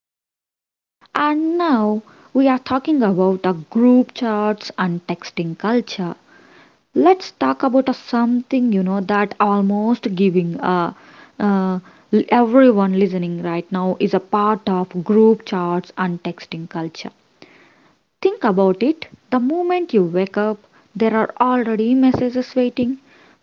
Radhamma. And now we are talking about the group chats and texting culture. Let's talk about a something you know that almost giving uh, everyone listening right now is a part of group chats and texting culture. Think about it the moment you wake up, there are already messages waiting.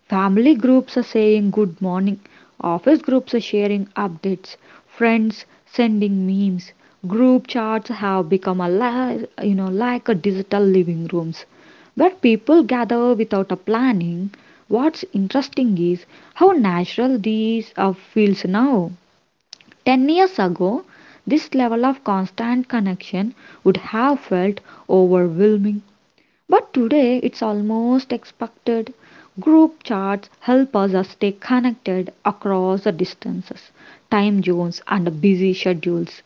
Family groups are saying good morning, office groups are sharing updates, friends sending memes. Group chats have become you know like a digital living rooms where people gather without a planning. What's interesting is how natural these feels now. 10 years ago, this level of constant connection would have felt overwhelming, but today it's almost expected. Group chats help us stay connected across the distances, time zones, and busy schedules.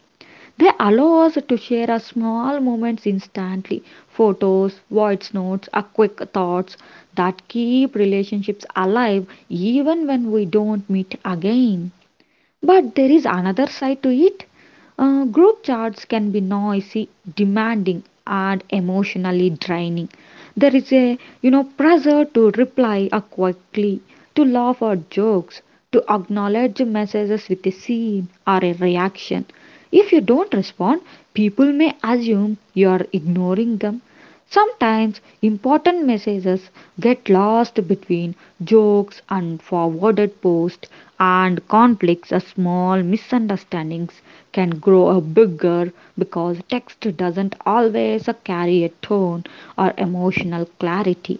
They allow us to share our small moments instantly photos, voice notes, our quick thoughts that keep relationships alive even when we don't meet again. But there is another side to it. Group chats can be noisy, demanding, and emotionally draining. There is a you know pressure to reply quickly, to laugh at jokes, to acknowledge messages with a scene or a reaction. If you don't respond, people may assume you are ignoring them. Sometimes important messages get lost between jokes and forwarded posts, and conflicts or small misunderstandings can grow bigger because text doesn't always carry a tone or emotional clarity.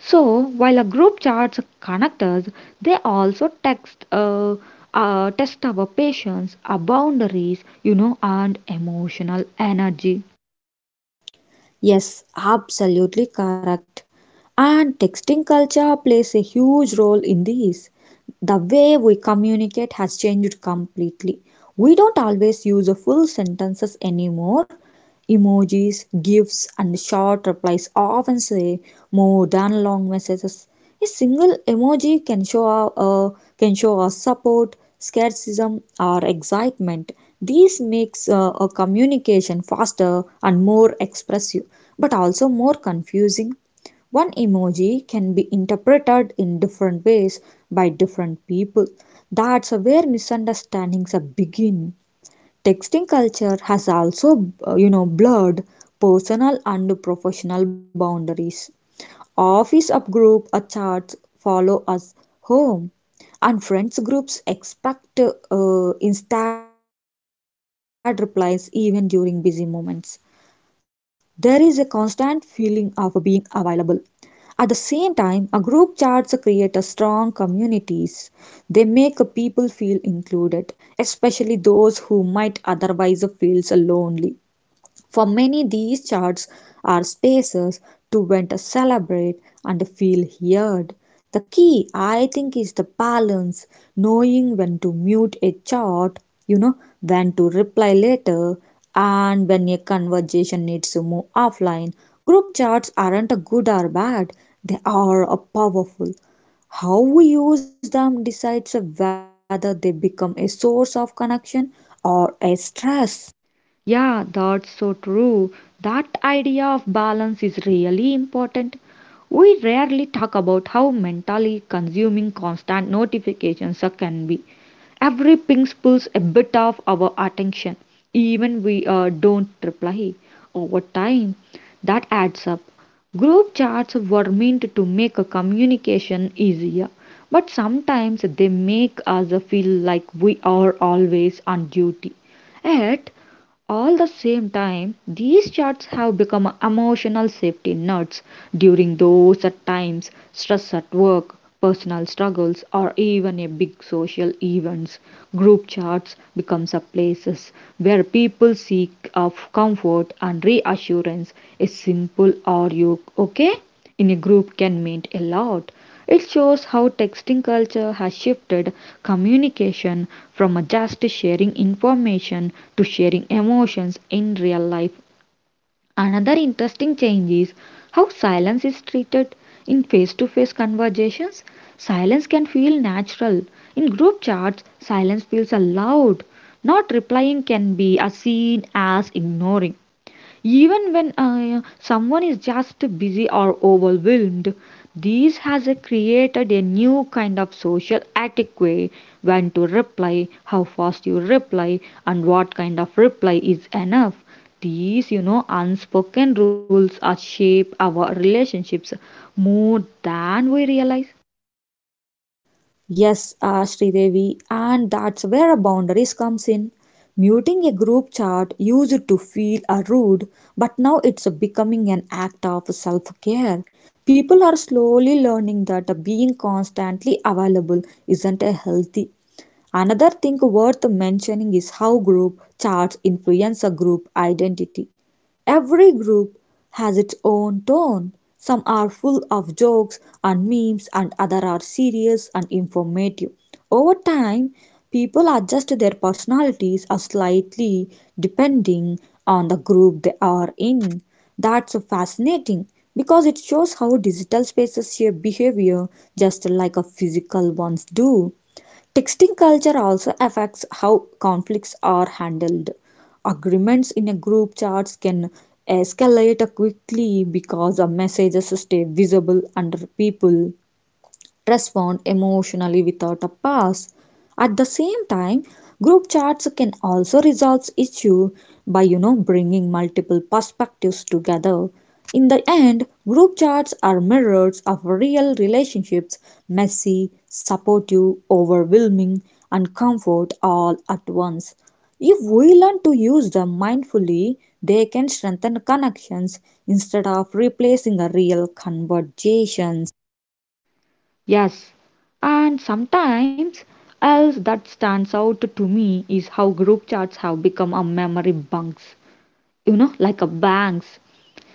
So, while a group charts connect us, they also text, test our patience, our boundaries, you know, and emotional energy. Yes, absolutely correct. And texting culture plays a huge role in this. The way we communicate has changed completely. We don't always use full sentences anymore. Emojis, GIFs, and short replies often say more than long messages. A single emoji can show can show our support, skepticism, or excitement. This makes a communication faster and more expressive, but also more confusing. One emoji can be interpreted in different ways by different people. That's where misunderstandings begin. Texting culture has also blurred personal and professional boundaries. Office upgroup chats follow us home, and friends groups expect instant replies even during busy moments. There is a constant feeling of being available at the same time, a group charts create a strong communities. They make people feel included, especially those who might otherwise feel so lonely. For many, these charts are spaces to vent, celebrate, and feel heard. The key, I think, is the balance, knowing when to mute a chart, you know, when to reply later, and when a conversation needs to move offline. Group charts aren't good or bad, they are powerful. How we use them decides whether they become a source of connection or a stress. Yeah, that's so true. That idea of balance is really important. We rarely talk about how mentally consuming constant can be. Every ping pulls a bit of our attention, even we don't reply. Over time, that adds up. Group chats were meant to make a communication easier, but sometimes they make us feel like we are always on duty. Yet, all the same time, these charts have become emotional safety nets during those at times, stress at work, personal struggles, or even a big social events. Group charts becomes a places where people seek of comfort and reassurance. A simple are you okay? in a group can mean a lot. It shows how texting culture has shifted communication from just sharing information to sharing emotions in real life. Another interesting change is how silence is treated in face to face conversations. Silence can feel natural. In group chats, silence feels allowed. Not replying can be as seen as ignoring. Even when someone is just busy or overwhelmed, this has created a new kind of social etiquette when to reply, how fast you reply, and what kind of reply is enough. These, you know, unspoken rules are shape our relationships more than we realize. Yes, Sridevi, and that's where a boundaries comes in. Muting a group chat used to feel a rude, but now it's becoming an act of self-care. People are slowly learning that being constantly available isn't a healthy. Another thing worth mentioning is how group chats influence a group identity. Every group has its own tone. Some are full of jokes and memes and others are serious and informative. Over time, people adjust their personalities a slightly depending on the group they are in. That's fascinating because it shows how digital spaces shape behavior just like a physical ones do. Texting culture also affects how conflicts are handled. Agreements in a group chats can escalate quickly because the messages stay visible under people respond emotionally without a pause. At the same time, group chats can also resolve issue by bringing multiple perspectives together. In the end, group chats are mirrors of real relationships, messy, supportive, overwhelming, and comfort all at once. If we learn to use them mindfully, they can strengthen connections instead of replacing a real conversation. Yes, and sometimes else that stands out to me is how group chats have become a memory bunks you know, like a bank's.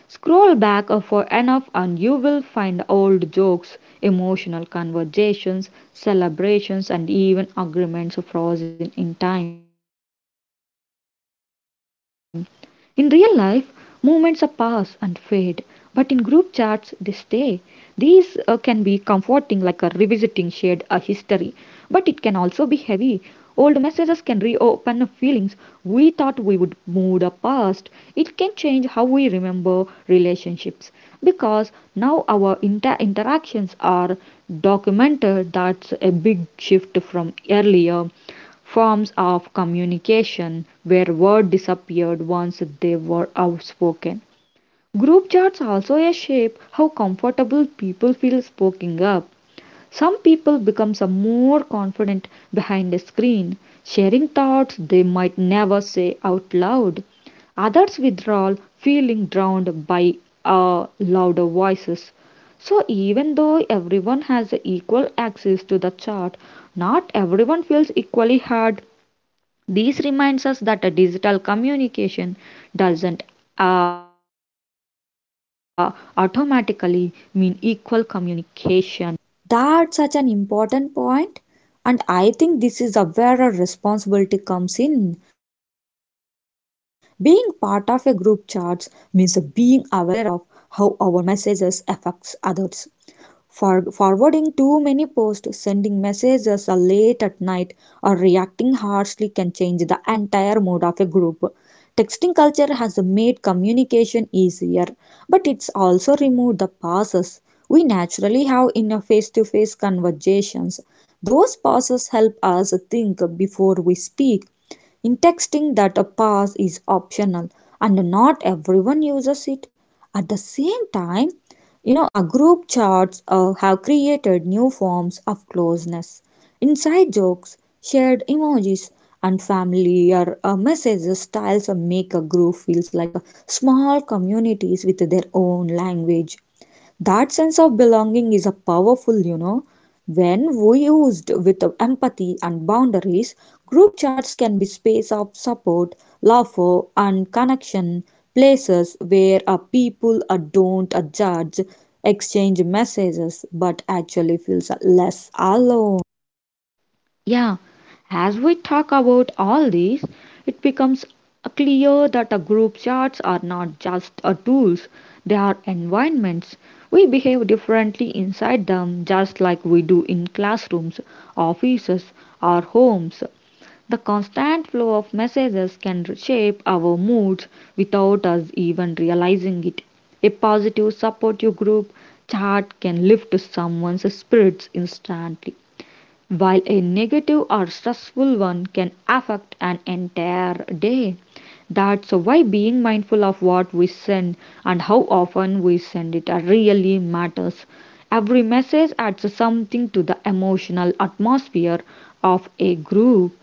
Scroll back for enough and you will find old jokes, emotional conversations, celebrations, and even agreements frozen in time. In real life, movements are pass and fade, but in group chats they stay. These can be comforting, like a revisiting shared a history, but it can also be heavy. Old messages can reopen feelings we thought we would move past. It can change how we remember relationships because now our interactions are documented. That's a big shift from earlier forms of communication where words disappeared once they were outspoken. Group chats also a shape how comfortable people feel speaking up. Some people become more confident behind a screen, sharing thoughts they might never say out loud. Others withdraw, feeling drowned by louder voices. So, even though everyone has equal access to the chat, not everyone feels equally heard. This reminds us that a digital communication doesn't uh, automatically mean equal communication. That's such an important point, and I think this is where our responsibility comes in. Being part of a group chats means being aware of how our messages affects others. For forwarding too many posts, sending messages late at night, or reacting harshly can change the entire mood of a group. Texting culture has made communication easier, but it's also removed the pauses we naturally have in a face to face conversations. Those pauses help us think before we speak. In texting, that a pause is optional and not everyone uses it. At the same time, our group chats have created new forms of closeness. Inside jokes, shared emojis, and familiar messages styles make a group feels like a small communities with their own language. That sense of belonging is a powerful. When we used with empathy and boundaries, group chats can be space of support, laughter, and connection, places where people don't judge, exchange messages, but actually feels less alone. Yeah, as we talk about all these, it becomes clear that a group chats are not just a tools, they are environments. We behave differently inside them just like we do in classrooms, offices, or homes. The constant flow of messages can shape our moods without us even realizing it. A positive, supportive group chat can lift someone's spirits instantly, while a negative or stressful one can affect an entire day. That's why being mindful of what we send and how often we send it really matters. Every message adds something to the emotional atmosphere of a group.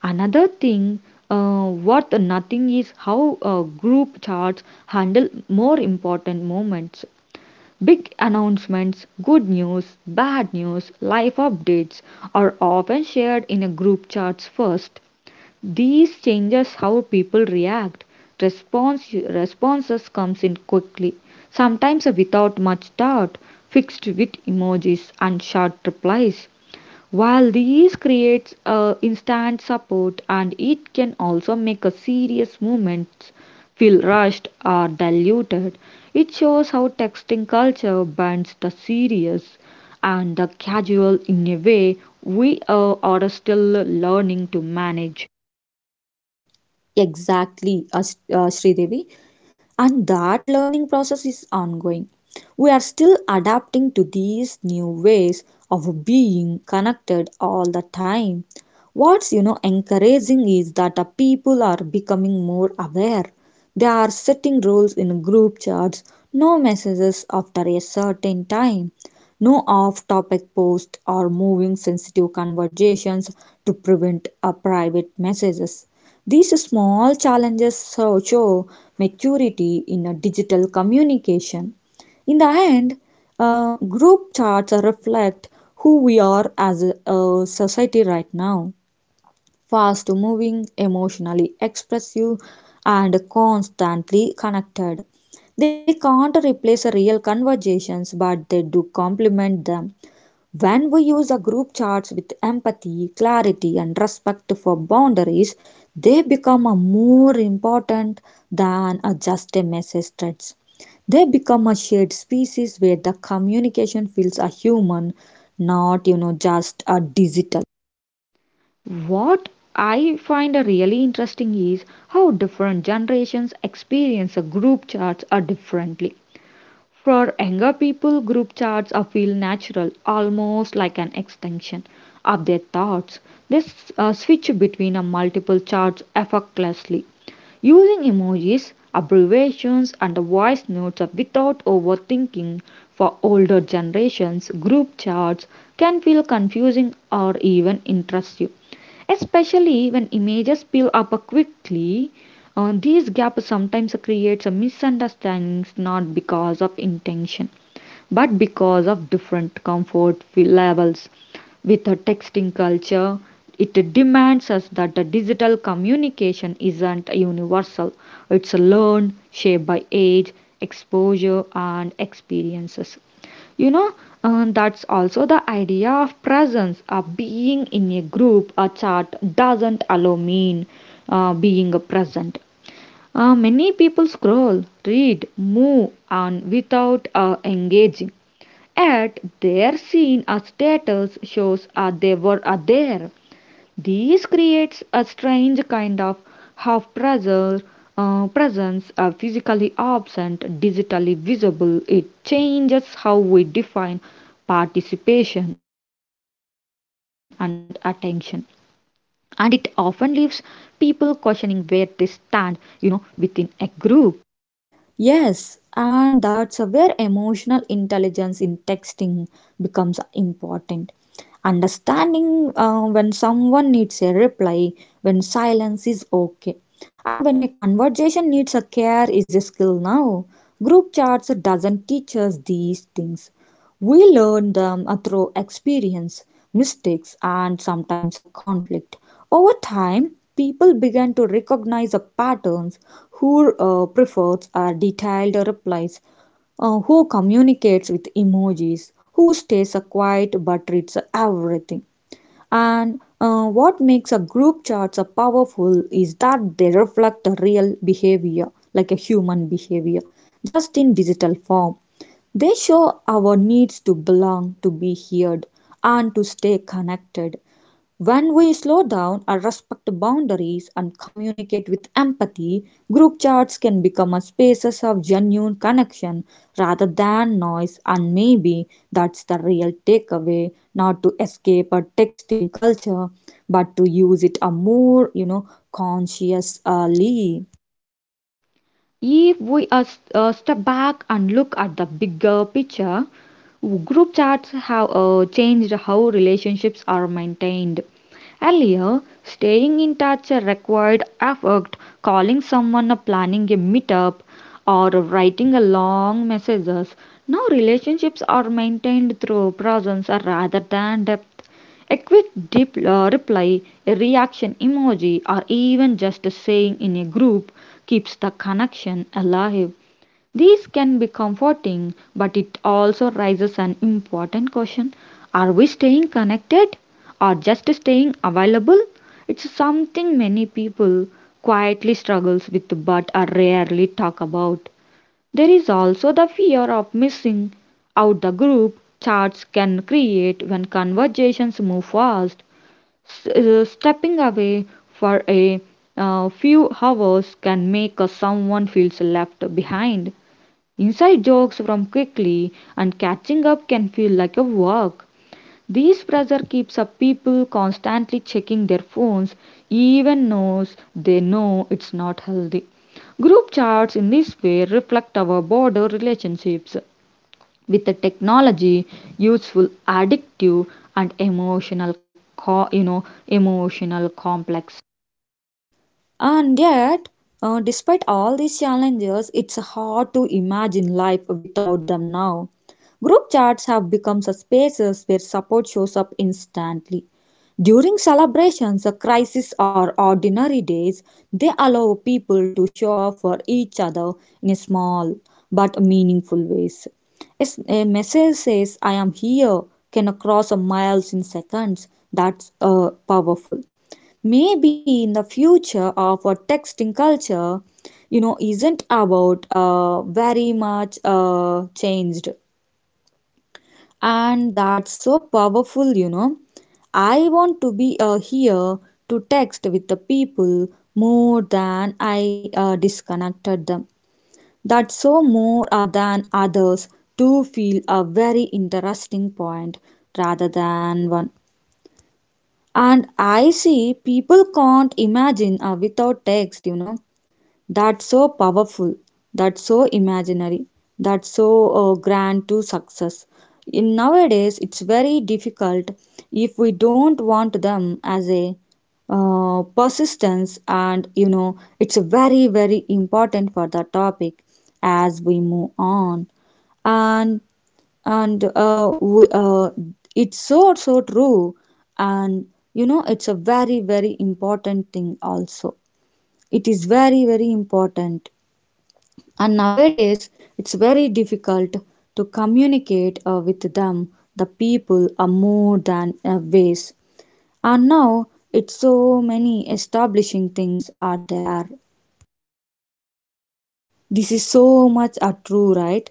Another thing worth nothing is how group charts handle more important moments. Big announcements, good news, bad news, life updates are often shared in a group charts first. These changes how people react. Responses comes in quickly, sometimes without much thought, fixed with emojis and short replies. While these creates a instant support and it can also make a serious movements feel rushed or diluted. It shows how texting culture binds the serious and the casual in a way we are still learning to manage. Exactly, Sridevi, and that learning process is ongoing. We are still adapting to these new ways of being connected all the time. What's encouraging is that the people are becoming more aware. They are setting rules in group chats, no messages after a certain time, no off topic posts or moving sensitive conversations to prevent a private messages. These small challenges show, maturity in a digital communication. In the end, group charts reflect who we are as a society right now fast moving, emotionally expressive, and constantly connected. They can't replace real conversations, but they do complement them. When we use a group charts with empathy, clarity, and respect for boundaries, they become a more important than a just a message threads. They become a shared species where the communication feels a human, not just a digital. What I find really interesting is how different generations experience group chats are differently. For younger people, group chats are feel natural, almost like an extension of their thoughts. They switch between multiple chats effortlessly. Using emojis, abbreviations, and the voice notes without overthinking for older generations, group chats can feel confusing or even intrusive, especially when images peel up quickly. These gaps sometimes creates a misunderstandings not because of intention but because of different comfort levels with a texting culture. It demands us that the digital communication isn't universal. It's learned shaped by age exposure and experiences, you know. That's also the idea of presence of being in a group a chat doesn't allow mean being present. Many people scroll, read, move on without engaging. Yet they are seen as status shows they were there. This creates a strange kind of half pressure, presence, physically absent, digitally visible. It changes how we define participation and attention, and it often leaves people questioning where they stand, you know, within a group. Yes, and that's where emotional intelligence in texting becomes important. Understanding when someone needs a reply, when silence is okay, and when a conversation needs a care is a skill now. Group chats doesn't teach us these things. We learn them through experience, mistakes, and sometimes a conflict. Over time, people begin to recognize the patterns who prefers or detailed replies, who communicates with emojis, who stays quiet but reads everything. And what makes a group charts a powerful is that they reflect the real behavior, like a human behavior, just in digital form. They show our needs to belong, to be heard, and to stay connected. When we slow down or respect boundaries and communicate with empathy, group chats can become a spaces of genuine connection rather than noise, and maybe that's the real takeaway not to escape a texting culture but to use it a more consciously. If we step back and look at the bigger picture, group chats have changed how relationships are maintained. Earlier, staying in touch required effort, calling someone, planning a meetup, or writing a long messages. Now relationships are maintained through presence rather than depth. A quick reply, a reaction emoji, or even just a saying in a group keeps the connection alive. These can be comforting, but it also raises an important question. Are we staying connected or just staying available? It's something many people quietly struggles with but are rarely talk about. There is also the fear of missing out the group chats can create when conversations move fast. Stepping away for a few hours can make someone feels left behind. Inside jokes from quickly and catching up can feel like a work. This pressure keeps up people constantly checking their phones, even knows they know it's not healthy. Group chats in this way reflect our broader relationships with the technology, useful, addictive, and emotional, you know, emotional complex. And yet, despite all these challenges, it's hard to imagine life without them now. Group chats have become such spaces where support shows up instantly. During celebrations, crises, or ordinary days, they allow people to show up for each other in small but meaningful ways. It's- A message says, I am here, can cross miles in seconds. That's powerful maybe in the future of a texting culture isn't about very much changed and that's so powerful I want to be here to text with the people more than I disconnected them that's so more than others to feel a very interesting point rather than one and I see people can't imagine without text. That's so powerful. That's so imaginary. That's so grand to success. In nowadays, it's very difficult if we don't want them as a persistence, and it's very, very important for the topic as we move on. And and w it's so so true and it's a very very important thing also it is very very important and nowadays it's very difficult to communicate with them the people are more than ways and now it's so many establishing things are there this is so much a true right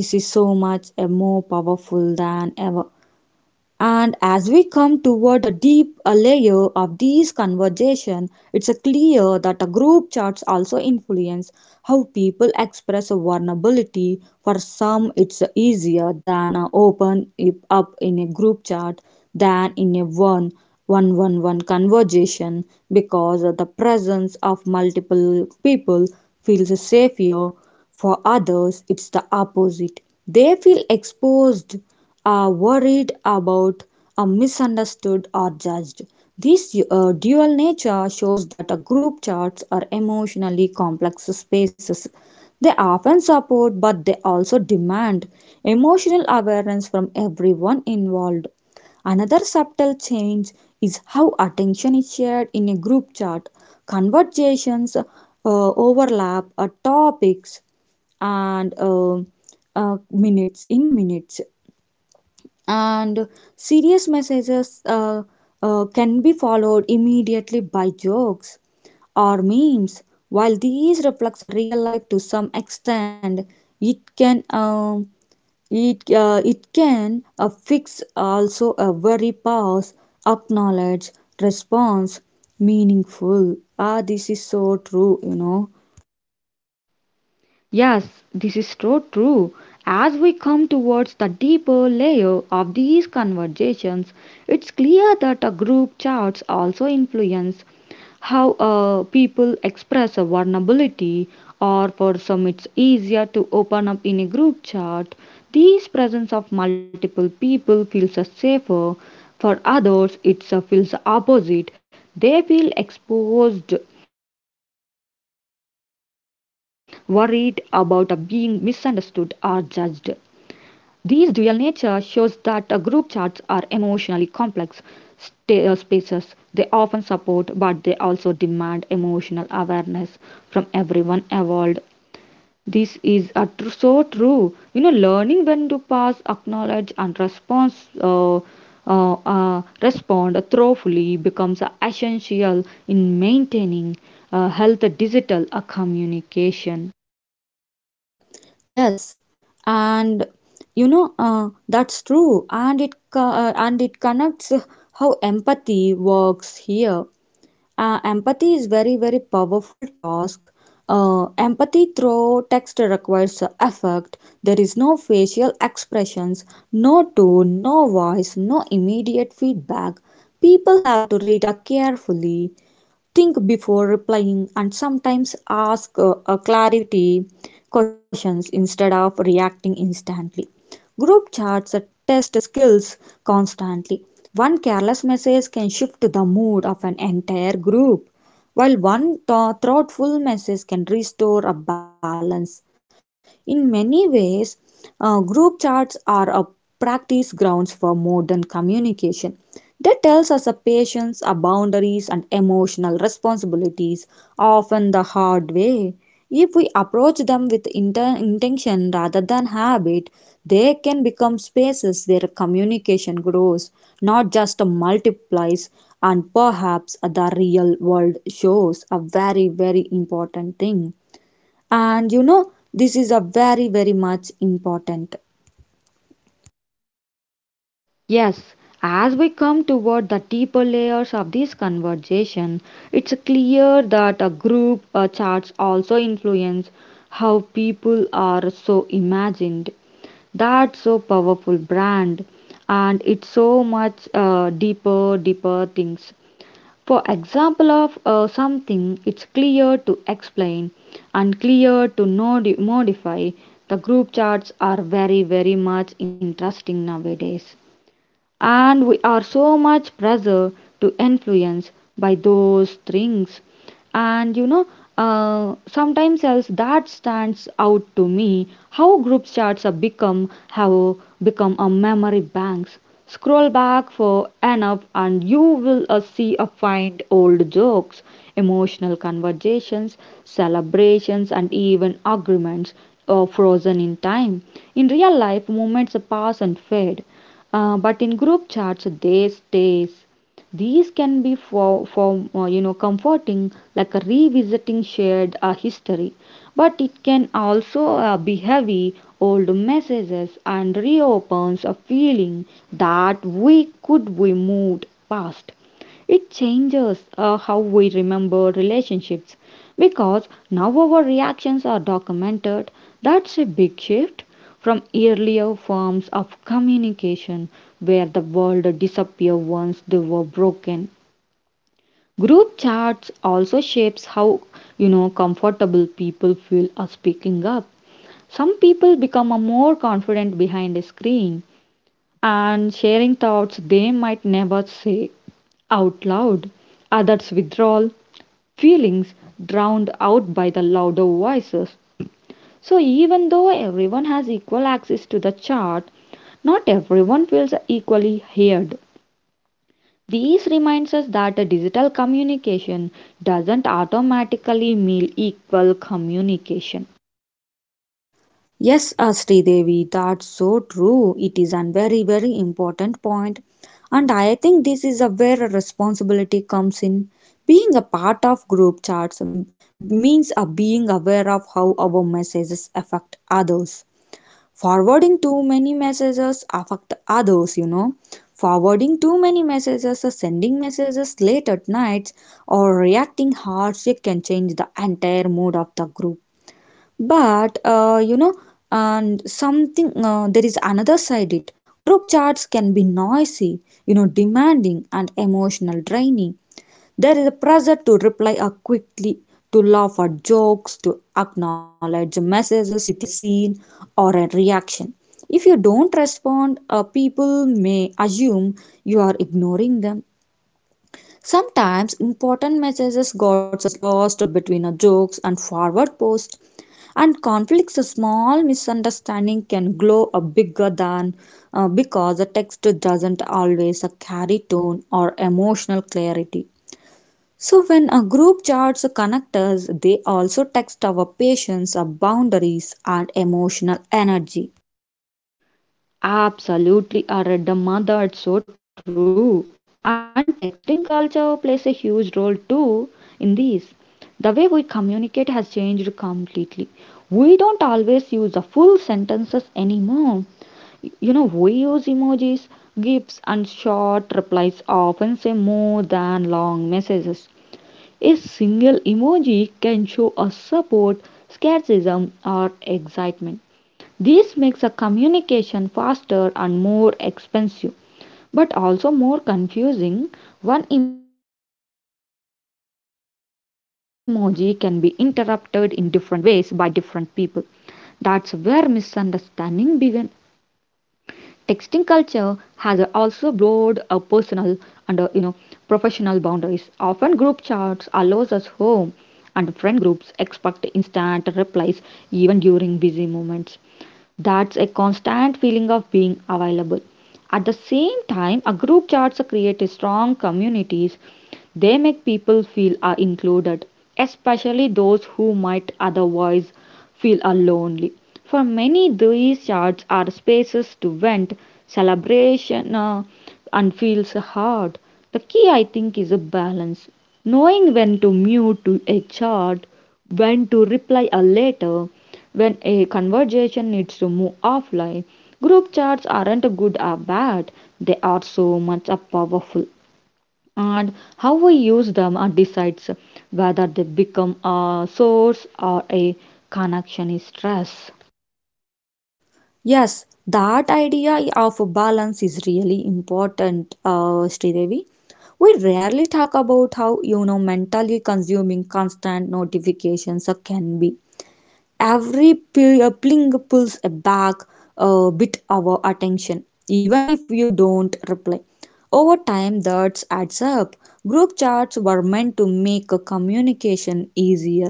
this is so much a more powerful than ever. And as we come toward a deep a layer of these conversation, it's a clear that a group chats also influence how people express a vulnerability. For some, it's easier than open it up in a group chat than in a one conversation because the presence of multiple people feels safer. For others, it's the opposite. They feel exposed are worried about are misunderstood or judged. This dual nature shows that a group charts are emotionally complex spaces. They often support but they also demand emotional awareness from everyone involved. Another subtle change is how attention is shared in a group chart. Conversations overlap topics and minutes in minutes and serious messages can be followed immediately by jokes or memes. While these reflects a real life to some extent, it can it can fix also a very pause, acknowledge, response, meaningful. Ah, this is so true. Yes, this is so true. As we come towards the deeper layer of these conversations, it's clear that the group chats also influence how people express a vulnerability, or for some, it's easier to open up in a group chat. This presence of multiple people feels safer for others, it feels opposite. They feel exposed, worried about being misunderstood or judged. This dual nature shows that group chats are emotionally complex spaces. They often support, but they also demand emotional awareness from everyone involved. This is a tr- so true. You know, learning when to pass, acknowledge, and response, respond thoughtfully becomes essential in maintaining health digital communication. Yes, and that's true, and it connects how empathy works here. Empathy is very very powerful task. Empathy through text requires effort. There is no facial expressions, no tone, no voice, no immediate feedback. People have to read carefully, think before replying and sometimes ask clarity questions instead of reacting instantly. Group chats test skills constantly. One careless message can shift the mood of an entire group, while thoughtful message can restore a balance. In many ways, group chats are a practice grounds for modern communication. They tells us a patience, our boundaries, and emotional responsibilities, often the hard way. If we approach them with intention rather than habit, they can become spaces where communication grows, not just multiplies, and perhaps the real world shows a very, very important thing and this is a very, very much important. Yes, as we come toward the deeper layers of this conversation, it's clear that a group charts also influence how people are so imagined. That's so powerful brand, and it's so much deeper, deeper things. For example of something, it's clear to explain and clear to modify. The group charts are very, very much interesting nowadays and we are so much pressure to influence by those things, and you know, sometimes else that stands out to me how group chats have become a memory banks. Scroll back for enough and you will see a find old jokes, emotional conversations, celebrations, and even agreements frozen in time. In real life moments pass and fade, but in group chats they stay. These can be for you know comforting, like a revisiting shared history, but it can also be heavy. Old messages and reopens a feeling that we could be moved past. It changes how we remember relationships because now our reactions are documented. That's a big shift from earlier forms of communication where the world disappeared once they were broken. Group chats also shapes how you know comfortable people feel are speaking up. Some people become a more confident behind a screen and sharing thoughts they might never say out loud. Others withdraw, feelings drowned out by the louder voices. So, even though everyone has equal access to the chart, not everyone feels equally heard. This reminds us that a digital communication doesn't automatically mean equal communication. Yes, Devi, that's so true. It is a very, very important point. And I think this is a where a responsibility comes in. Being a part of group chats means being aware of how our messages affect others forwarding too many messages affect others forwarding too many messages or sending messages late at night or reacting harshly can change the entire mood of the group but and something there is another side it group chats can be noisy demanding and emotional draining there is a pressure to reply quickly, to laugh at jokes, to acknowledge messages with a scene or a reaction. If you don't respond, people may assume you are ignoring them. Sometimes important messages got lost between a jokes and forward posts, and conflicts a small misunderstanding can grow a bigger than because the text doesn't always carry tone or emotional clarity. So when a group charts connectors, they also text our patience, our boundaries and emotional energy. Absolutely, Aradama, that's so true. And texting culture plays a huge role too in this. The way we communicate has changed completely. We don't always use the full sentences anymore. You know, we use emojis, GIFs, and short replies often say more than long messages. A single emoji can show a support, skepticism, or excitement. This makes a communication faster and more expensive, but also more confusing. One emoji can be interpreted in different ways by different people. That's where misunderstanding begin. Texting culture has also blurred our personal and, you know, professional boundaries. Often group chats allows us home, and friend groups expect instant replies even during busy moments. That's a constant feeling of being available. At the same time, a group chats create strong communities. They make people feel are included, especially those who might otherwise feel are lonely. For many, these chats are spaces to vent, celebration, and feels hard. The key, I think, is a balance. Knowing when to mute to a chat, when to reply a letter, when a conversation needs to move offline. Group chats aren't good or bad, they are so much a powerful, and how we use them decides whether they become a source or a connection is stress. Yes, that idea of balance is really important, Sridevi. We rarely talk about how mentally consuming constant notifications can be. Every pling pulls back a bit our attention even if you don't reply over time that adds up group chats were meant to make a communication easier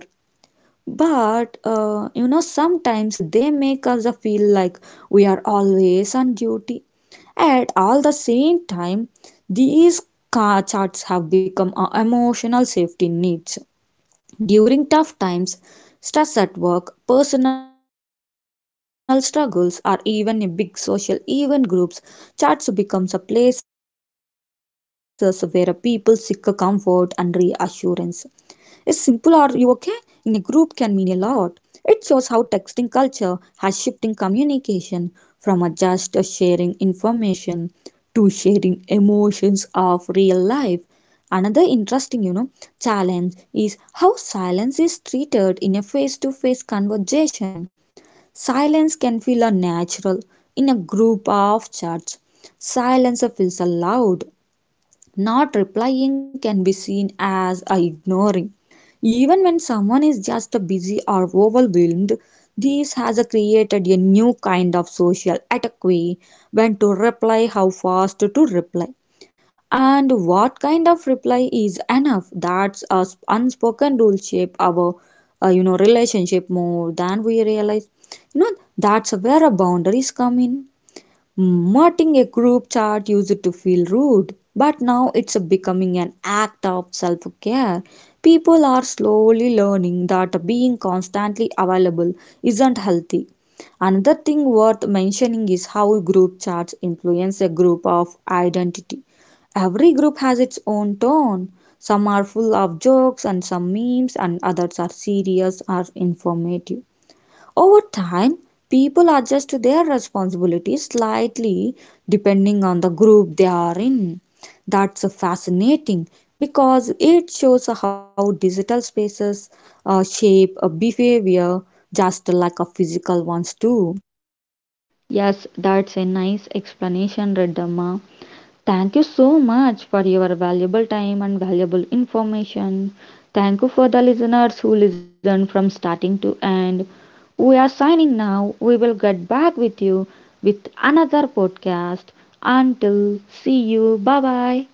but sometimes they make us feel like we are always on duty at all the same time these chats have become our emotional safety needs during tough times, stress at work, personal struggles, or even in big social event groups, church becomes a places where people seek comfort and reassurance. Is simple or you okay in a group can mean a lot. It shows how texting culture has shifting communication from a just sharing information to sharing emotions of real life. Another interesting challenge is how silence is treated in a face-to-face conversation. Silence can feel unnatural in a group of chats. Silence feels allowed not replying can be seen as ignoring. Even when someone is just busy or overwhelmed, this has created a new kind of social etiquette when to reply, how fast to reply, and what kind of reply is enough. That's a unspoken rule shape our relationship more than we realize. That's where boundaries come in. Mutting a group chat used to feel rude, but now it's becoming an act of self care. People are slowly learning that being constantly available isn't healthy. Another thing worth mentioning is how group chats influence a group of identity. Every group has its own tone. Some are full of jokes and some memes, and others are serious or informative. Over time, people adjust to their responsibilities slightly depending on the group they are in. That's fascinating because it shows how digital spaces shape a behavior just like a physical ones too. Yes, that's a nice explanation, Redamma. Thank you so much for your valuable time and valuable information. Thank you for the listeners who listened from starting to end. We are signing now. We will get back with you with another podcast. Until see you. Bye bye.